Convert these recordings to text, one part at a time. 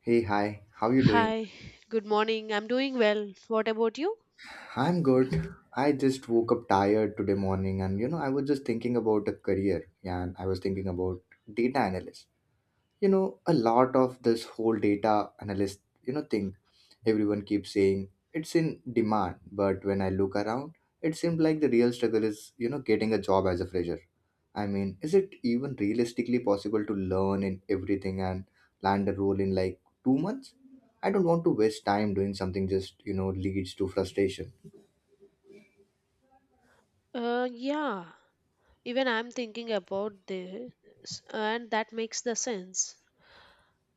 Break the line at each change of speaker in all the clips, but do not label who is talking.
Hey, hi. How you doing?
Hi, good morning. I'm doing well. What about you?
I'm good. I just woke up tired today morning and, I was just thinking about a career and I was thinking about data analyst. A lot of this whole data analyst thing, everyone keeps saying it's in demand, but when I look around, it seems like the real struggle is getting a job as a fresher. I mean, is it even realistically possible to learn in everything and land a role in like 2 months? I don't want to waste time doing something just leads to frustration.
Uh, yeah, even I'm thinking about this, and that makes the sense.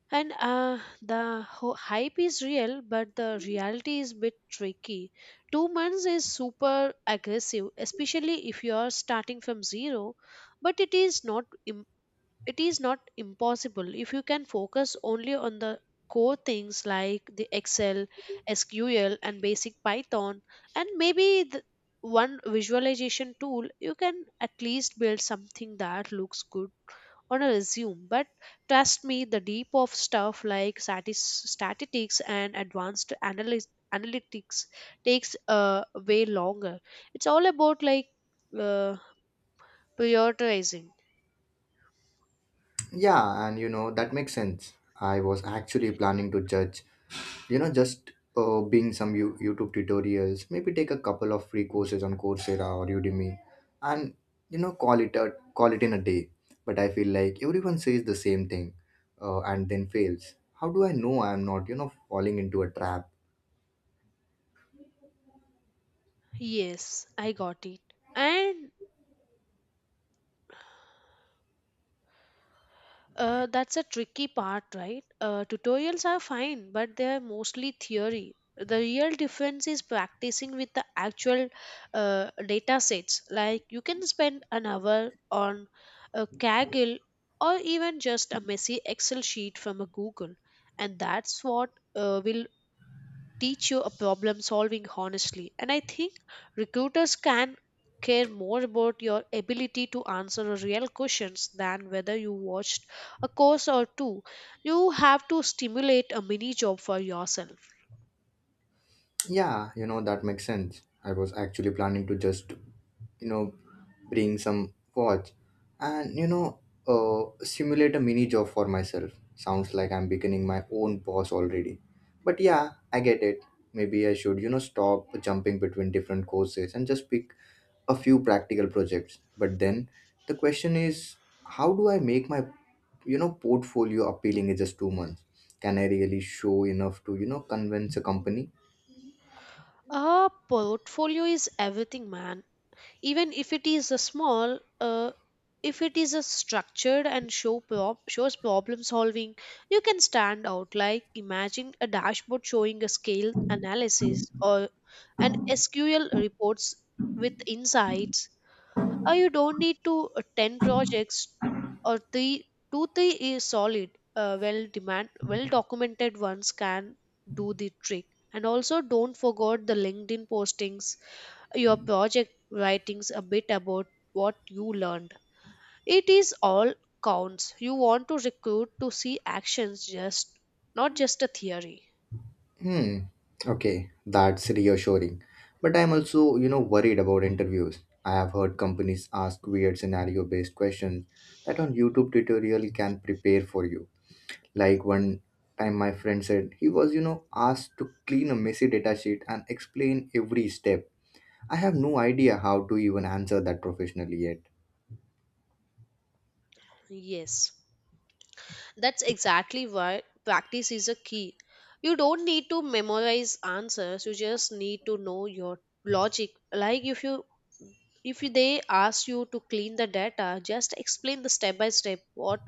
And the hype is real, but the reality is a bit tricky. 2 months is super aggressive, especially if you are starting from zero, but it is not impossible if you can focus only on the core things like the excel sql and basic python, and maybe the one visualization tool. You can at least build something that looks good on a resume. But trust me, the deep of stuff like statistics and advanced analysis analytics takes way longer. It's all about like uh, prioritizing.
Yeah, and that makes sense. I was actually planning to judge, you know just being some youtube tutorials, maybe take a couple of free courses on Coursera or Udemy, and you know call it a call it in a day. But I feel like everyone says the same thing, and then fails. How do I know I'm not, falling into a trap?
Yes, I got it. And that's a tricky part, right? Tutorials are fine, but they are mostly theory. The real difference is practicing with the actual data sets. Like you can spend an hour on a Kaggle or even just a messy Excel sheet from a Google, and that's what will teach you a problem solving. Honestly, and I think recruiters can care more about your ability to answer real questions than whether you watched a course or two. You have to stimulate a mini job for yourself.
Yeah, that makes sense. I was actually planning to just, you know bring some watch, and simulate a mini job for myself. Sounds like I'm becoming my own boss already. But yeah, I get it. Maybe I should, stop jumping between different courses and just pick a few practical projects. But then the question is, how do I make my, portfolio appealing in just 2 months? Can I really show enough to, convince a company?
A portfolio is everything, man. Even if it is a small, if it is a structured and shows problem solving, you can stand out. Like imagine a dashboard showing a scale analysis or an sql reports with insights. Or you don't need to 10 projects, or 3, 2 3 is solid. Uh, well demand, well documented ones can do the trick. And also, don't forget the linkedin postings, your project writings, a bit about what you learned. It is all counts. You want to recruit to see actions, just not just a theory.
Hmm. Okay, that's reassuring. But I'm also, worried about interviews. I have heard companies ask weird scenario-based questions that on YouTube tutorial can prepare for you. Like one time my friend said he was, asked to clean a messy data sheet and explain every step. I have no idea how to even answer that professionally yet.
Yes. That's exactly why practice is a key. You don't need to memorize answers, you just need to know your logic. Like if they ask you to clean the data, just explain the step by step what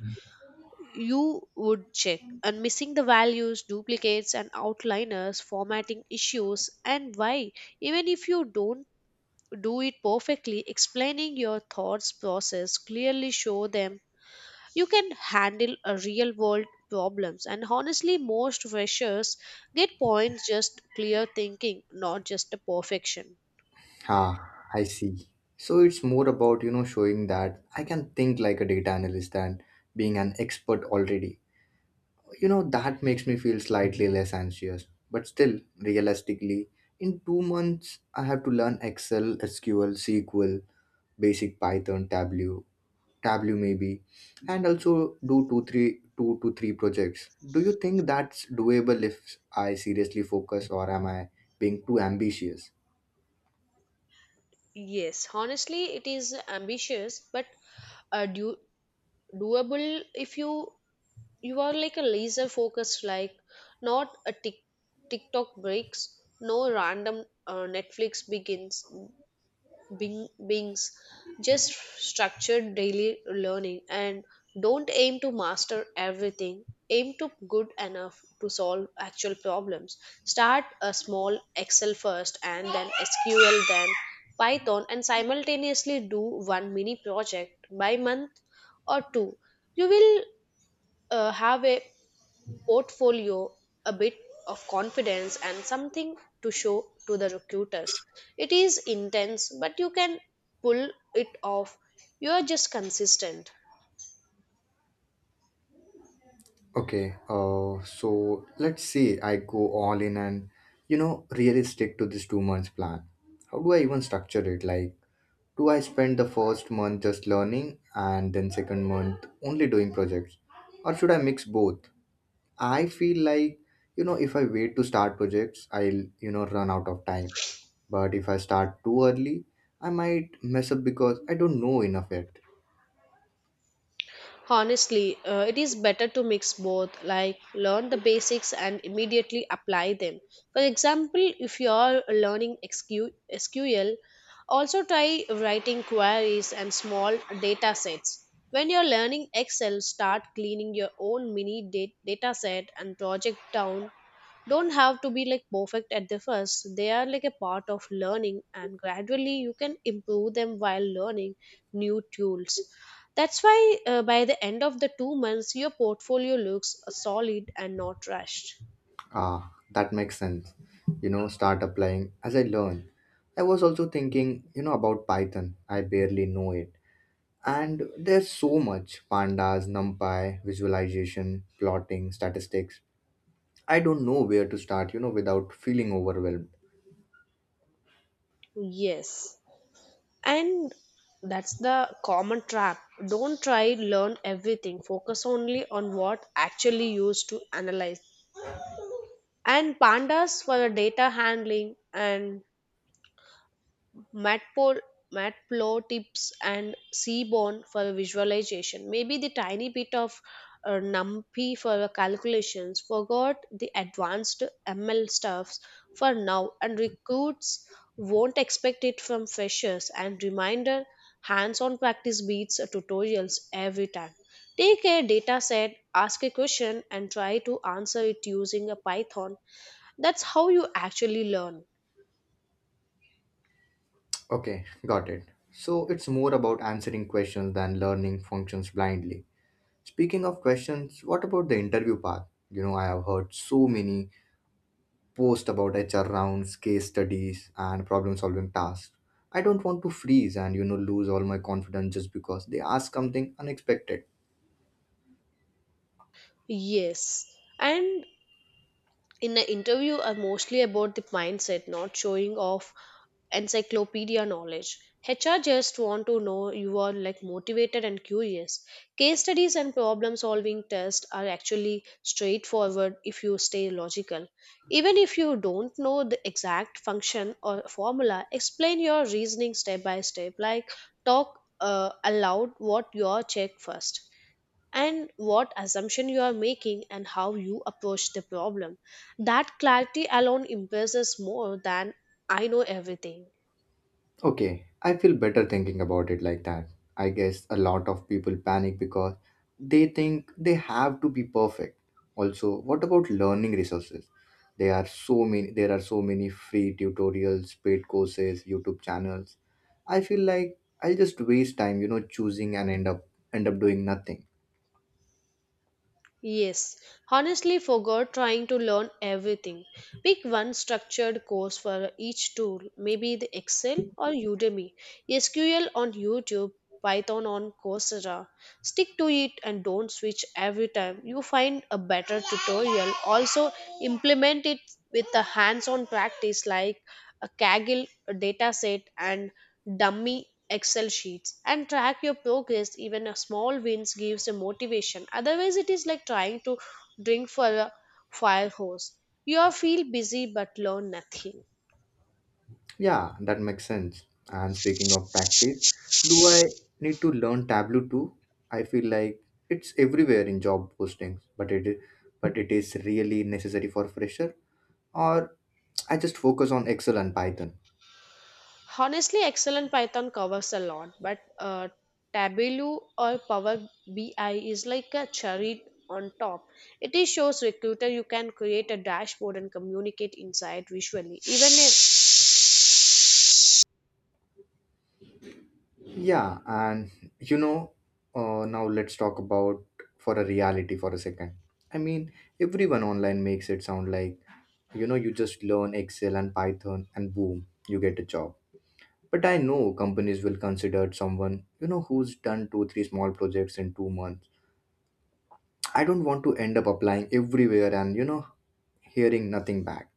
you would check, and missing the values, duplicates and outliners, formatting issues, and why. Even if you don't do it perfectly, explaining your thoughts process clearly show them you can handle a real world problems. And honestly, most freshers get points just clear thinking, not just a perfection.
Ah, I see. So it's more about, showing that I can think like a data analyst and being an expert already. That makes me feel slightly less anxious. But still, realistically, in 2 months, I have to learn Excel, SQL, basic Python, Tableau, maybe, and also do two to three projects. Do you think that's doable if I seriously focus, or am I being too ambitious?
Yes, honestly it is ambitious, but uh, do- doable if you are like a laser focused. Like not a tick tiktok breaks, no random netflix begins, bing bings. Just structured daily learning. And don't aim to master everything, aim to good enough to solve actual problems. Start a small excel first, and then sql, then python, and simultaneously do one mini project by month, or two. You will have a portfolio, a bit of confidence, and something to show to the recruiters. It is intense, but you can pull it off. You are just consistent.
Okay, so let's say I go all in and, really stick to this 2 months plan. How do I even structure it? Like, two, I spent the first month just learning, and then second month only doing projects. Or should I mix both? I feel like, if I wait to start projects, I'll, run out of time. But if I start too early, I might mess up because I don't know enough yet.
Honestly, it is better to mix both, like learn the basics and immediately apply them. For example, if you are learning SQ SQL, also try writing queries and small data sets. When you're learning Excel, start cleaning your own mini data set and project down. Don't have to be like perfect at the first, they are like a part of learning, and gradually you can improve them while learning new tools. That's why by the end of the 2 months, your portfolio looks solid and not rushed.
Ah, that makes sense. Start applying as I learn. I was also thinking, about Python. I barely know it. And there's so much pandas, numpy, visualization, plotting, statistics. I don't know where to start, without feeling overwhelmed.
Yes, and that's the common trap. Don't try learn everything, focus only on what actually used to analyze. And pandas for the data handling, and matplotlib, matplotlibs and seaborn for visualization, maybe the tiny bit of numpy for calculations. Forgot the advanced ml stuffs for now, and recruits won't expect it from freshers. And reminder, hands-on practice beats tutorials every time. Take a data set, ask a question, and try to answer it using a python. That's how you actually learn.
Okay, got it. So it's more about answering questions than learning functions blindly. Speaking of questions, what about the interview path? I have heard so many posts about HR rounds, case studies, and problem solving tasks. I don't want to freeze and, lose all my confidence just because they ask something unexpected.
Yes, and in an interview are mostly about the mindset, not showing off encyclopedia knowledge. HR just want to know you are like motivated and curious. Case studies and problem solving tests are actually straightforward if you stay logical. Even if you don't know the exact function or formula, explain your reasoning step by step. Like talk aloud what you check first, and what assumption you are making, and how you approach the problem. That clarity alone impresses more than I know everything.
Okay, I feel better thinking about it like that. I guess a lot of people panic because they think they have to be perfect. Also, what about learning resources? There are so many free tutorials, paid courses, YouTube channels. I feel like I'll just waste time, choosing and end up doing nothing.
Yes, honestly forgot trying to learn everything. Pick one structured course for each tool, maybe the Excel or Udemy, SQL on YouTube, Python on Coursera. Stick to it, and don't switch every time you find a better tutorial. Also, implement it with a hands on practice, like a Kaggle dataset and dummy Excel sheets, and track your progress. Even a small wins gives a motivation. Otherwise, it is like trying to drink for a fire hose. You feel busy but learn nothing.
Yeah, that makes sense. And speaking of tactics, do I need to learn Tableau too? I feel like it's everywhere in job postings, but it is really necessary for fresher. Or I just focus on Excel and Python.
Honestly, Excel and Python covers a lot, but Tableau or Power BI is like a cherry on top. It is shows recruiter you can create a dashboard and communicate inside visually. Even if
Yeah, and you know, now let's talk about for a reality for a second. I mean, everyone online makes it sound like you just learn Excel and Python and boom, you get a job. But I know companies will consider someone, who's done two, three small projects in 2 months. I don't want to end up applying everywhere and, hearing nothing back.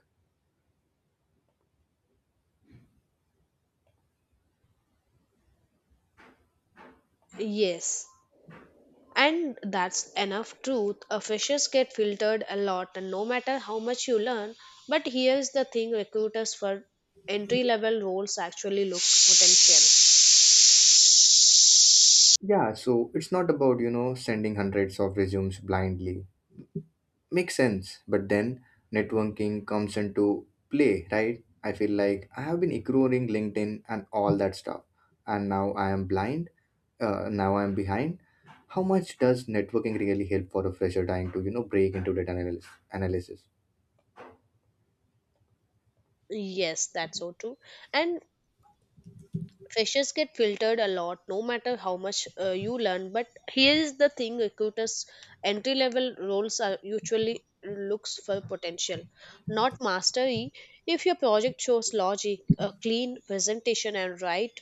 yes, and that's enough truth. Freshers get filtered a lot, and no matter how much you learn, but here's the thing: recruiters for entry level roles actually look potential.
Yeah, so it's not about, sending hundreds of resumes blindly. Makes sense. But then networking comes into play, right? I feel like I have been ignoring LinkedIn and all that stuff. And now I am blind. Now I am behind. How much does networking really help for a fresher trying to, break into data analysis?
Yes, that's so true. And freshers get filtered a lot, no matter how much you learn. But here is the thing, recruiters entry level roles are usually looks for potential, not mastery. If your project shows logic, a clean presentation and right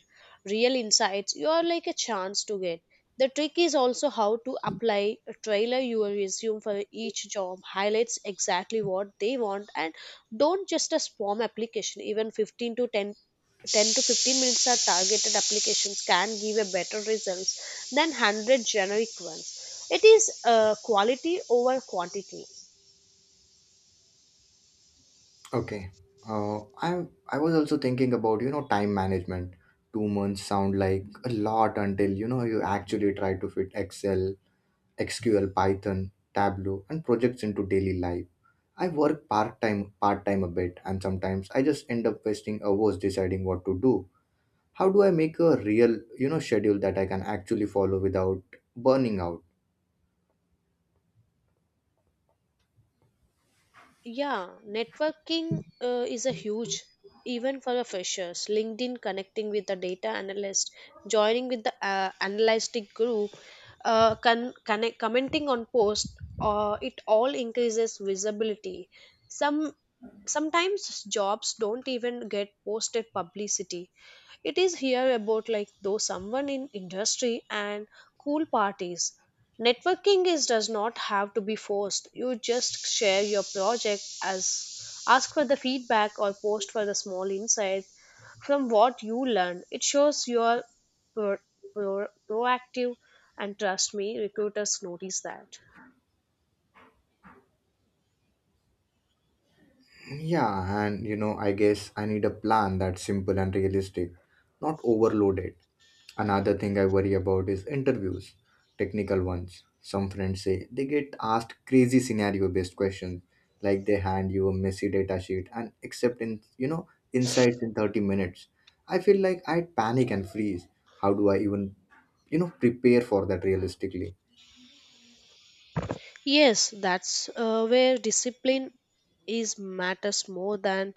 real insights, you are like a chance to get. The trick is also how to apply a trailer your resume for each job highlights exactly what they want. And don't just a spam application. Even 15 to 10, 10 to 15 minutes are targeted applications can give a better results than 100 generic ones. It is quality over quantity.
Okay. I was also thinking about, time management. 2 months sound like a lot until, you actually try to fit Excel, SQL, Python, Tableau, and projects into daily life. I work part-time, a bit, and sometimes I just end up wasting hours deciding what to do. How do I make a real, schedule that I can actually follow without burning out?
Yeah, networking is a huge, even for the freshers. LinkedIn connecting with the data analyst, joining with the analytic group, connect, commenting on posts, it all increases visibility. Some Sometimes jobs don't even get posted publicity. It is here about like though someone in industry and cool parties. Networking is does not have to be forced, you just share your project as ask for the feedback or post for the small insight from what you learn. It shows you are pro- proactive, and trust me, recruiters notice that.
Yeah, and I guess I need a plan that's simple and realistic, not overloaded. Another thing I worry about is interviews, technical ones. Some friends say they get asked crazy scenario based questions, like they hand you a messy data sheet and accept in insights in 30 minutes. I feel like I'd panic and freeze. How do I even, prepare for that realistically?
Yes, that's where discipline is matters more than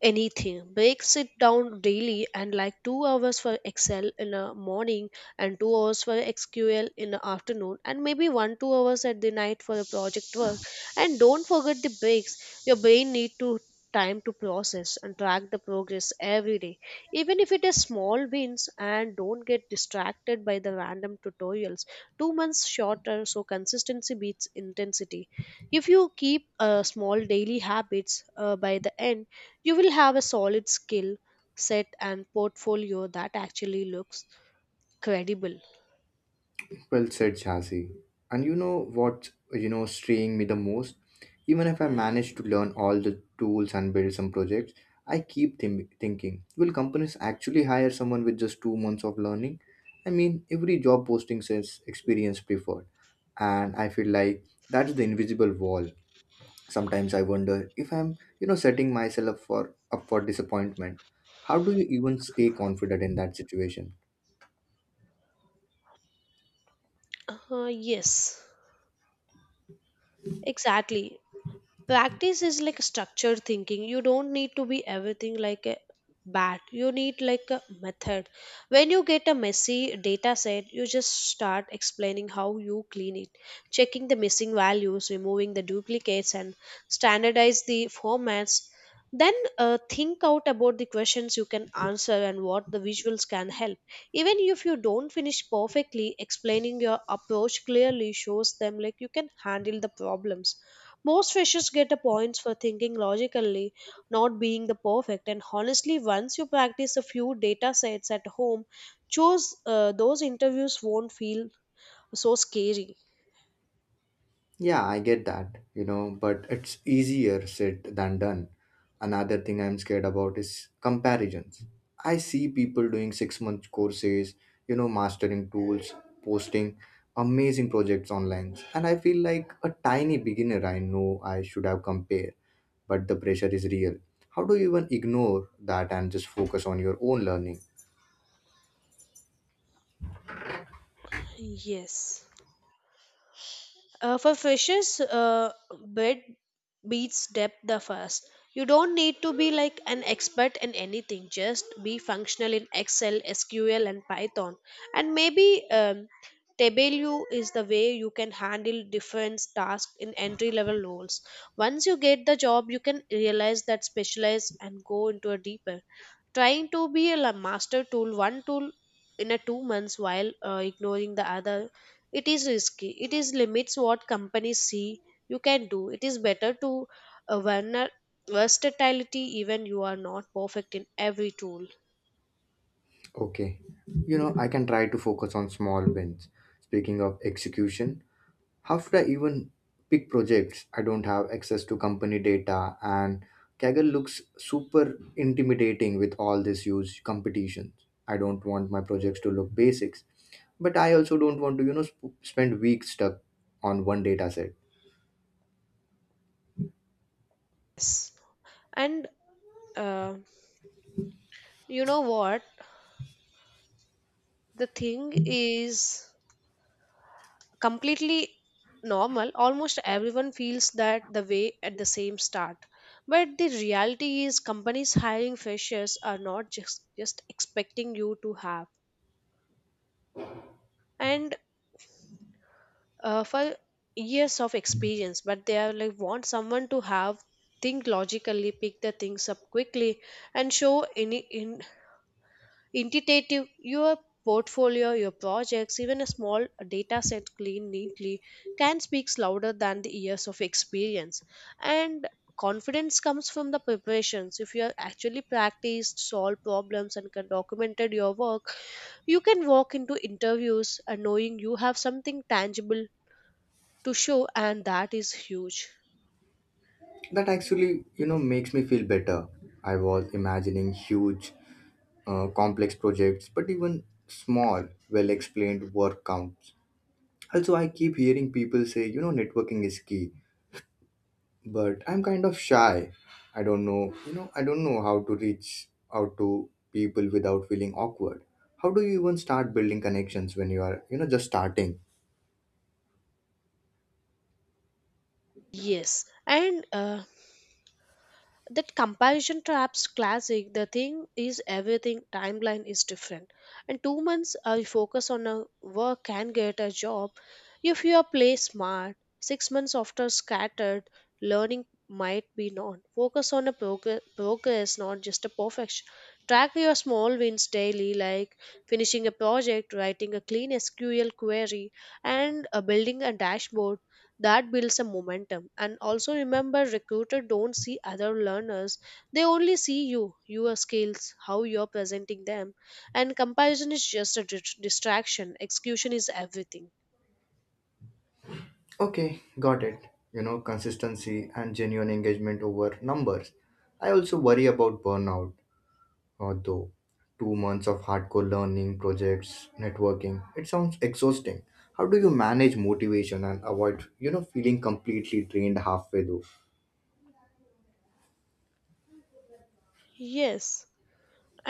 anything. Breaks it down daily, and like 2 hours for Excel in the morning, and 2 hours for SQL in the afternoon, and maybe 1 2 hours at the night for the project work. And don't forget the breaks. Your brain need to time to process, and track the progress every day, even if it is small wins. And don't get distracted by the random tutorials. 2 months shorter, so consistency beats intensity. If you keep small daily habits, by the end you will have a solid skill set and portfolio that actually looks credible.
Well said, Chasi. And you know what you know straying me the most? Even if I manage to learn all the tools and build some projects, I keep thinking, will companies actually hire someone with just 2 months of learning? I mean, every job posting says experience preferred, and I feel like that's the invisible wall. Sometimes I wonder if I'm, setting myself up for disappointment. How do you even stay confident in that situation?
Yes, exactly. Practice is like structured thinking. You don't need to be everything like a bat, you need like a method. When you get a messy data set, you just start explaining how you clean it, checking the missing values, removing the duplicates, and standardize the formats. Then think out about the questions you can answer, and what the visuals can help. Even if you don't finish perfectly, explaining your approach clearly shows them like you can handle the problems. Most freshers get a points for thinking logically, not being the perfect. And honestly, once you practice a few data sets at home, choose those interviews won't feel so scary.
Yeah, I get that, but it's easier said than done. Another thing I'm scared about is comparisons. I see people doing 6-month courses, mastering tools, posting amazing projects online, and I feel like a tiny beginner. I know I should have compared, but the pressure is real. How do you even ignore that and just focus on your own learning?
Yes. For fishes, bed beats depth the fast. You don't need to be like an expert in anything. Just be functional in Excel, SQL, and Python. And maybe Tableau is the way, you can handle different tasks in entry level roles. Once you get the job, you can realize that specialize and go into a deeper. Trying to be a master tool, one tool in a 2 months, while ignoring the other, it is risky, it is limits what companies see you can do. It is better to uh, verna- versatility, even you are not perfect in every tool.
Okay, I can try to focus on small wins. Speaking of execution, after I even pick projects, I don't have access to company data, and Kaggle looks super intimidating with all this huge competition. I don't want my projects to look basics, but I also don't want to, spend weeks stuck on one data set.
Yes, and uh, you know what, the thing is completely normal, almost everyone feels that the way at the same start. But the reality is companies hiring freshers are not just expecting you to have and for years of experience, but they are like want someone to have think logically, pick the things up quickly, and show any in Intuitive, your portfolio, your projects. Even a small data set cleaned neatly can speak louder than the years of experience. And confidence comes from the preparations. If you are actually practiced, solved problems, and can documented your work, you can walk into interviews and knowing you have something tangible to show, and that is huge.
That actually, makes me feel better. I was imagining huge, complex projects, but even small, well explained work counts. Also, I keep hearing people say, networking is key, but I'm kind of shy. I don't know how to reach out to people without feeling awkward. How do you even start building connections when you are, just starting?
Yes, and that comparison traps classic. The thing is everything timeline is different, and 2 months I focus on a work can get a job if you are play smart. 6 months after scattered learning might be not focus on a progress, not just a perfection. Track your small wins daily like finishing a project, writing a clean sql query, and building a dashboard. That builds a momentum. And also remember, recruiter don't see other learners, they only see you, your skills, how you're presenting them. And comparison is just a distraction. Execution is everything.
Okay, got it. Consistency and genuine engagement over numbers. I also worry about burnout, although 2 months of hardcore learning, projects, networking, it sounds exhausting. How do you manage motivation and avoid, feeling completely drained halfway through?
Yes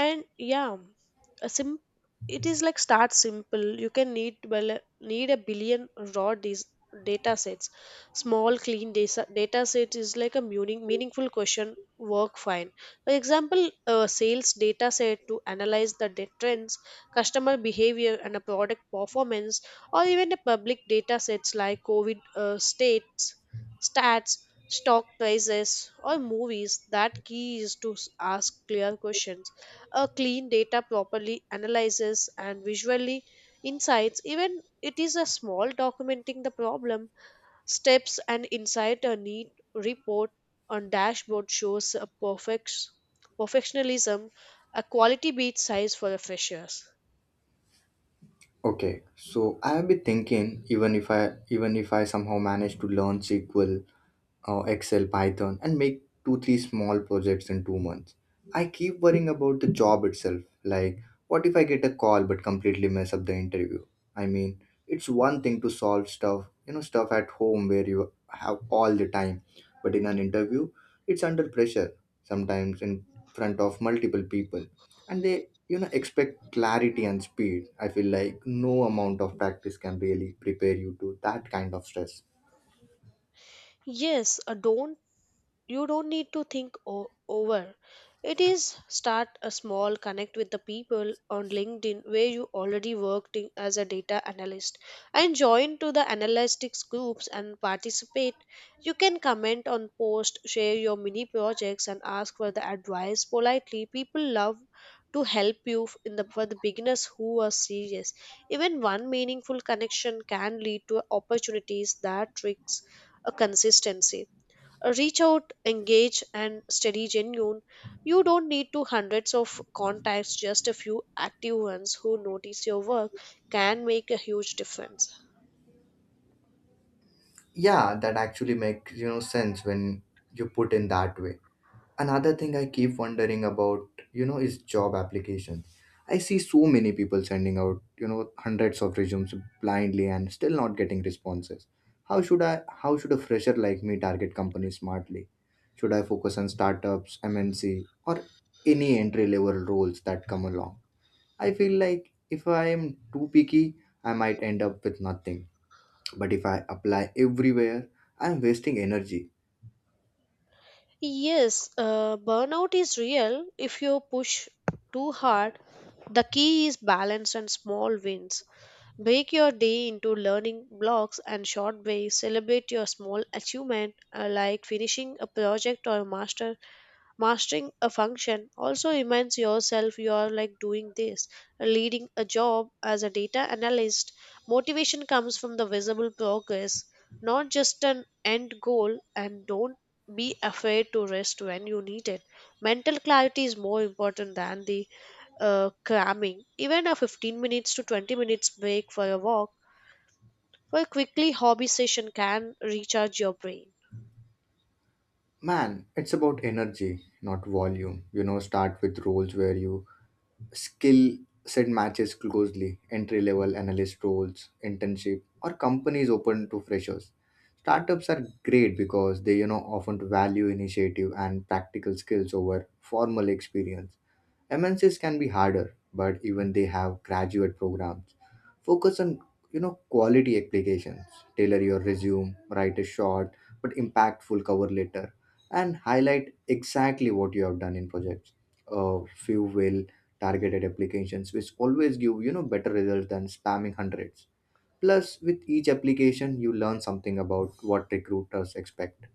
and yeah a sim It is like, start simple. You can need, well, need a billion raw data sets. Small clean data set is like a meaningful question work fine. For example, a sales data set to analyze the trends, customer behavior, and a product performance. Or even the public data sets like covid, states, stats, stock prices or movies. That key is to ask clear questions, a clean data properly analyzes and visually insights, even it is a small. Documenting the problem, steps and insight, a neat report on dashboard shows a perfectionism. A quality beat size for the freshers.
Okay, so I have been thinking, even if I somehow manage to learn SQL, Excel, Python, and make two, three small projects in 2 months. I keep worrying about the job itself. Like, what if I get a call but completely mess up the interview? I mean, it's one thing to solve stuff at home where you have all the time, but in an interview, it's under pressure, sometimes in front of multiple people, and they expect clarity and speed. I feel like no amount of practice can really prepare you to that kind of stress.
Yes don't You don't need to think over it. Is start a small, connect with the people on linkedin where you already worked in as a data analyst, and join to the analytics groups and participate. You can comment on posts, share your mini projects, and ask for the advice politely. People love to help you in the for the beginners who are serious. Even one meaningful connection can lead to opportunities. That tricks a consistency, reach out, engage, and study genuine. You don't need to hundreds of contacts, just a few active ones who notice your work can make a huge difference.
Yeah, that actually makes sense when you put in that way. Another thing I keep wondering about, is job applications. I see so many people sending out, hundreds of resumes blindly and still not getting responses. How should a fresher like me target companies smartly? Should I focus on startups, MNC, or any entry level roles that come along? I feel like if I am too picky, I might end up with nothing. But if I apply everywhere, I'm wasting energy.
Yes burnout is real if you push too hard. The key is balance and small wins. Break your day into learning blocks and short ways, celebrate your small achievement, like finishing a project or mastering a function. Also reminds yourself you are like doing this, leading a job as a data analyst. Motivation comes from the visible progress, not just an end goal. And don't be afraid to rest when you need it. Mental clarity is more important than the cramming. Even a 15 minutes to 20 minutes break for a walk, for a quickly hobby session, can recharge your brain.
Man, it's about energy, not volume. Start with roles where you skill set matches closely, entry level analyst roles, internship, or companies open to freshers. Startups are great because they, often value initiative and practical skills over formal experience. MNCs can be harder, but even they have graduate programs. Focus on quality applications. Tailor your resume, write a short but impactful cover letter, and highlight exactly what you have done in projects. A few well targeted applications which always give better results than spamming hundreds. Plus, with each application, you learn something about what recruiters expect.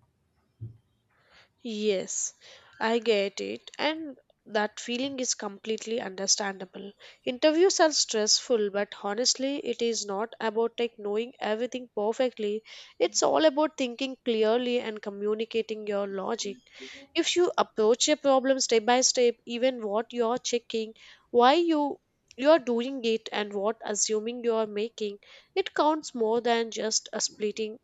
Yes, I get it, and that feeling is completely understandable. Interviews are stressful, but honestly, it is not about like knowing everything perfectly. It's all about thinking clearly and communicating your logic. If you approach a problem step by step, even what you're checking, why you're doing it, and what assuming you're making, it counts more than just a splitting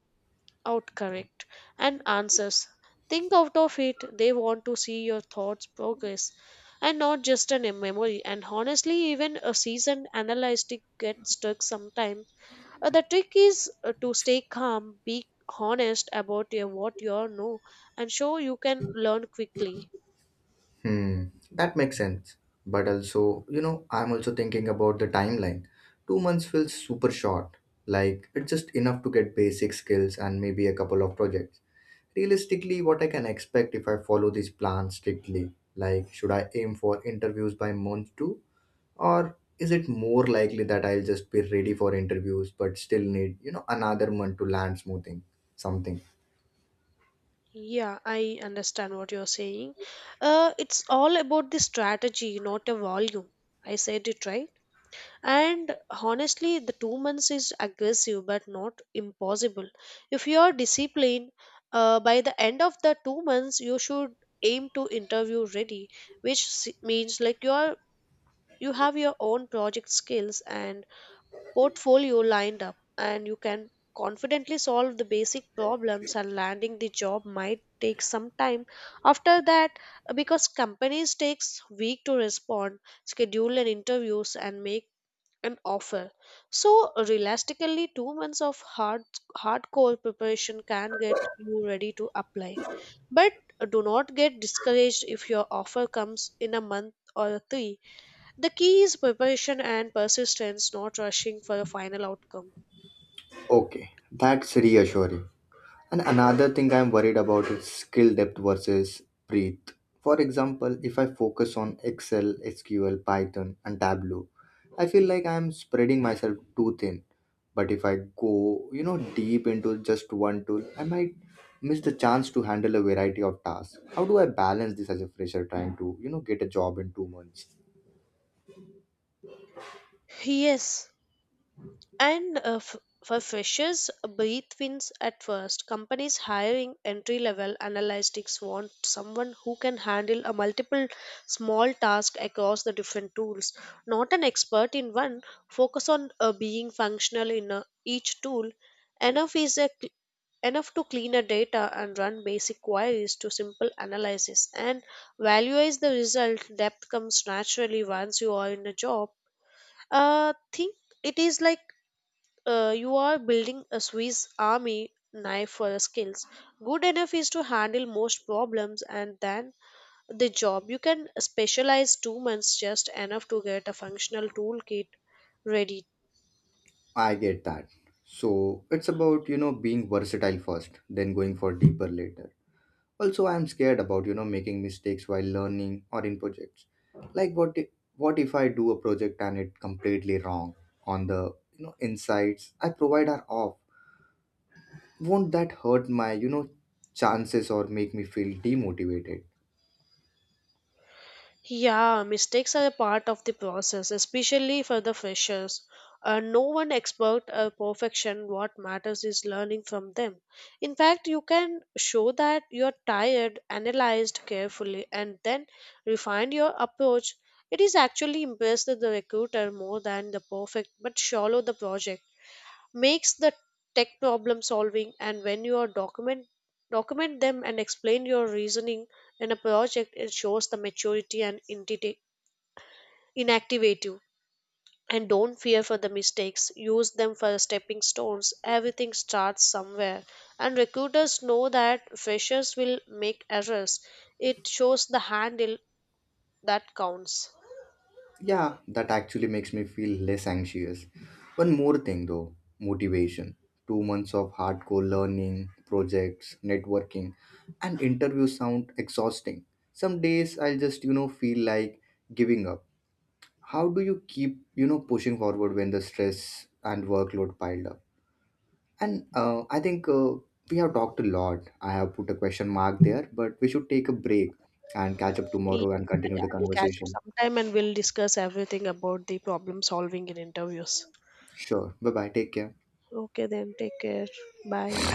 out correct and answers. Think out of it. They want to see your thoughts progress, and not just an memory. And honestly, even a seasoned analyst gets stuck sometimes. The trick is to stay calm, be honest about your, what you know, and show you can learn quickly.
Hmm, that makes sense. But also, I'm also thinking about the timeline. 2 months feels super short. Like, it's just enough to get basic skills and maybe a couple of projects. Realistically, what I can expect if I follow this plan strictly? Like, should I aim for interviews by month two? Or is it more likely that I'll just be ready for interviews but still need, another month to land smoothing something?
Yeah, I understand what you're saying. It's all about the strategy, not a volume. I said it right. And honestly, the 2 months is aggressive but not impossible. If you are disciplined, by the end of the 2 months, you should aim to interview ready, which means like you are you have your own project skills and portfolio lined up, and you can confidently solve the basic problems. And landing the job might take some time after that, because companies takes week to respond, schedule an interviews, and make an offer. So realistically, 2 months of hardcore preparation can get you ready to apply. But do not get discouraged if your offer comes in a month or three. The key is preparation and persistence, not rushing for a final outcome.
Okay, that's reassuring. And another thing I'm worried about is skill depth versus breadth. For example, if I focus on Excel, SQL, Python, and Tableau, I feel like I'm spreading myself too thin. But if I go, deep into just one tool, I might miss the chance to handle a variety of tasks. How do I balance this as a fresher trying to, get a job in 2 months?
Yes, and for freshers, breathe wins at first. Companies hiring entry level analytics want someone who can handle a multiple small tasks across the different tools. Not an expert in one, focus on being functional in each tool. Enough is a cl- Enough to clean a data and run basic queries to simple analysis and value the result. Depth comes naturally once you are in a job. Think it is like, you are building a Swiss army knife for the skills. Good enough is to handle most problems and then the job. You can specialize. 2 months just enough to get a functional toolkit ready.
I get that. So it's about, being versatile first, then going for deeper later. Also, I'm scared about, making mistakes while learning or in projects. Like, what if I do a project and it completely wrong on the, insights I provide are off. Won't that hurt my, chances or make me feel demotivated?
Yeah, mistakes are a part of the process, especially for the freshers. No one expert or perfection. What matters is learning from them. In fact, you can show that you are tired, analyzed carefully, and then refine your approach. It is actually impressed the recruiter more than the perfect but shallow the project. Makes the tech problem solving. And when you are document them and explain your reasoning in a project, it shows the maturity and inactivative. And don't fear for the mistakes, use them for stepping stones. Everything starts somewhere, and recruiters know that freshers will make errors. It shows the handle that counts.
Yeah, that actually makes me feel less anxious. One more thing though, motivation. 2 months of hardcore learning, projects, networking and interviews sound exhausting. Some days I'll just, feel like giving up. How do you keep, pushing forward when the stress and workload piled up? And I think, we have talked a lot. I have put a question mark there, but we should take a break and catch up
yeah,
tomorrow and continue
yeah,
the
we'll catch up
conversation.
sometime, and we'll discuss everything about the problem solving in interviews.
Sure, bye bye, take care.
Okay then, take care. Bye.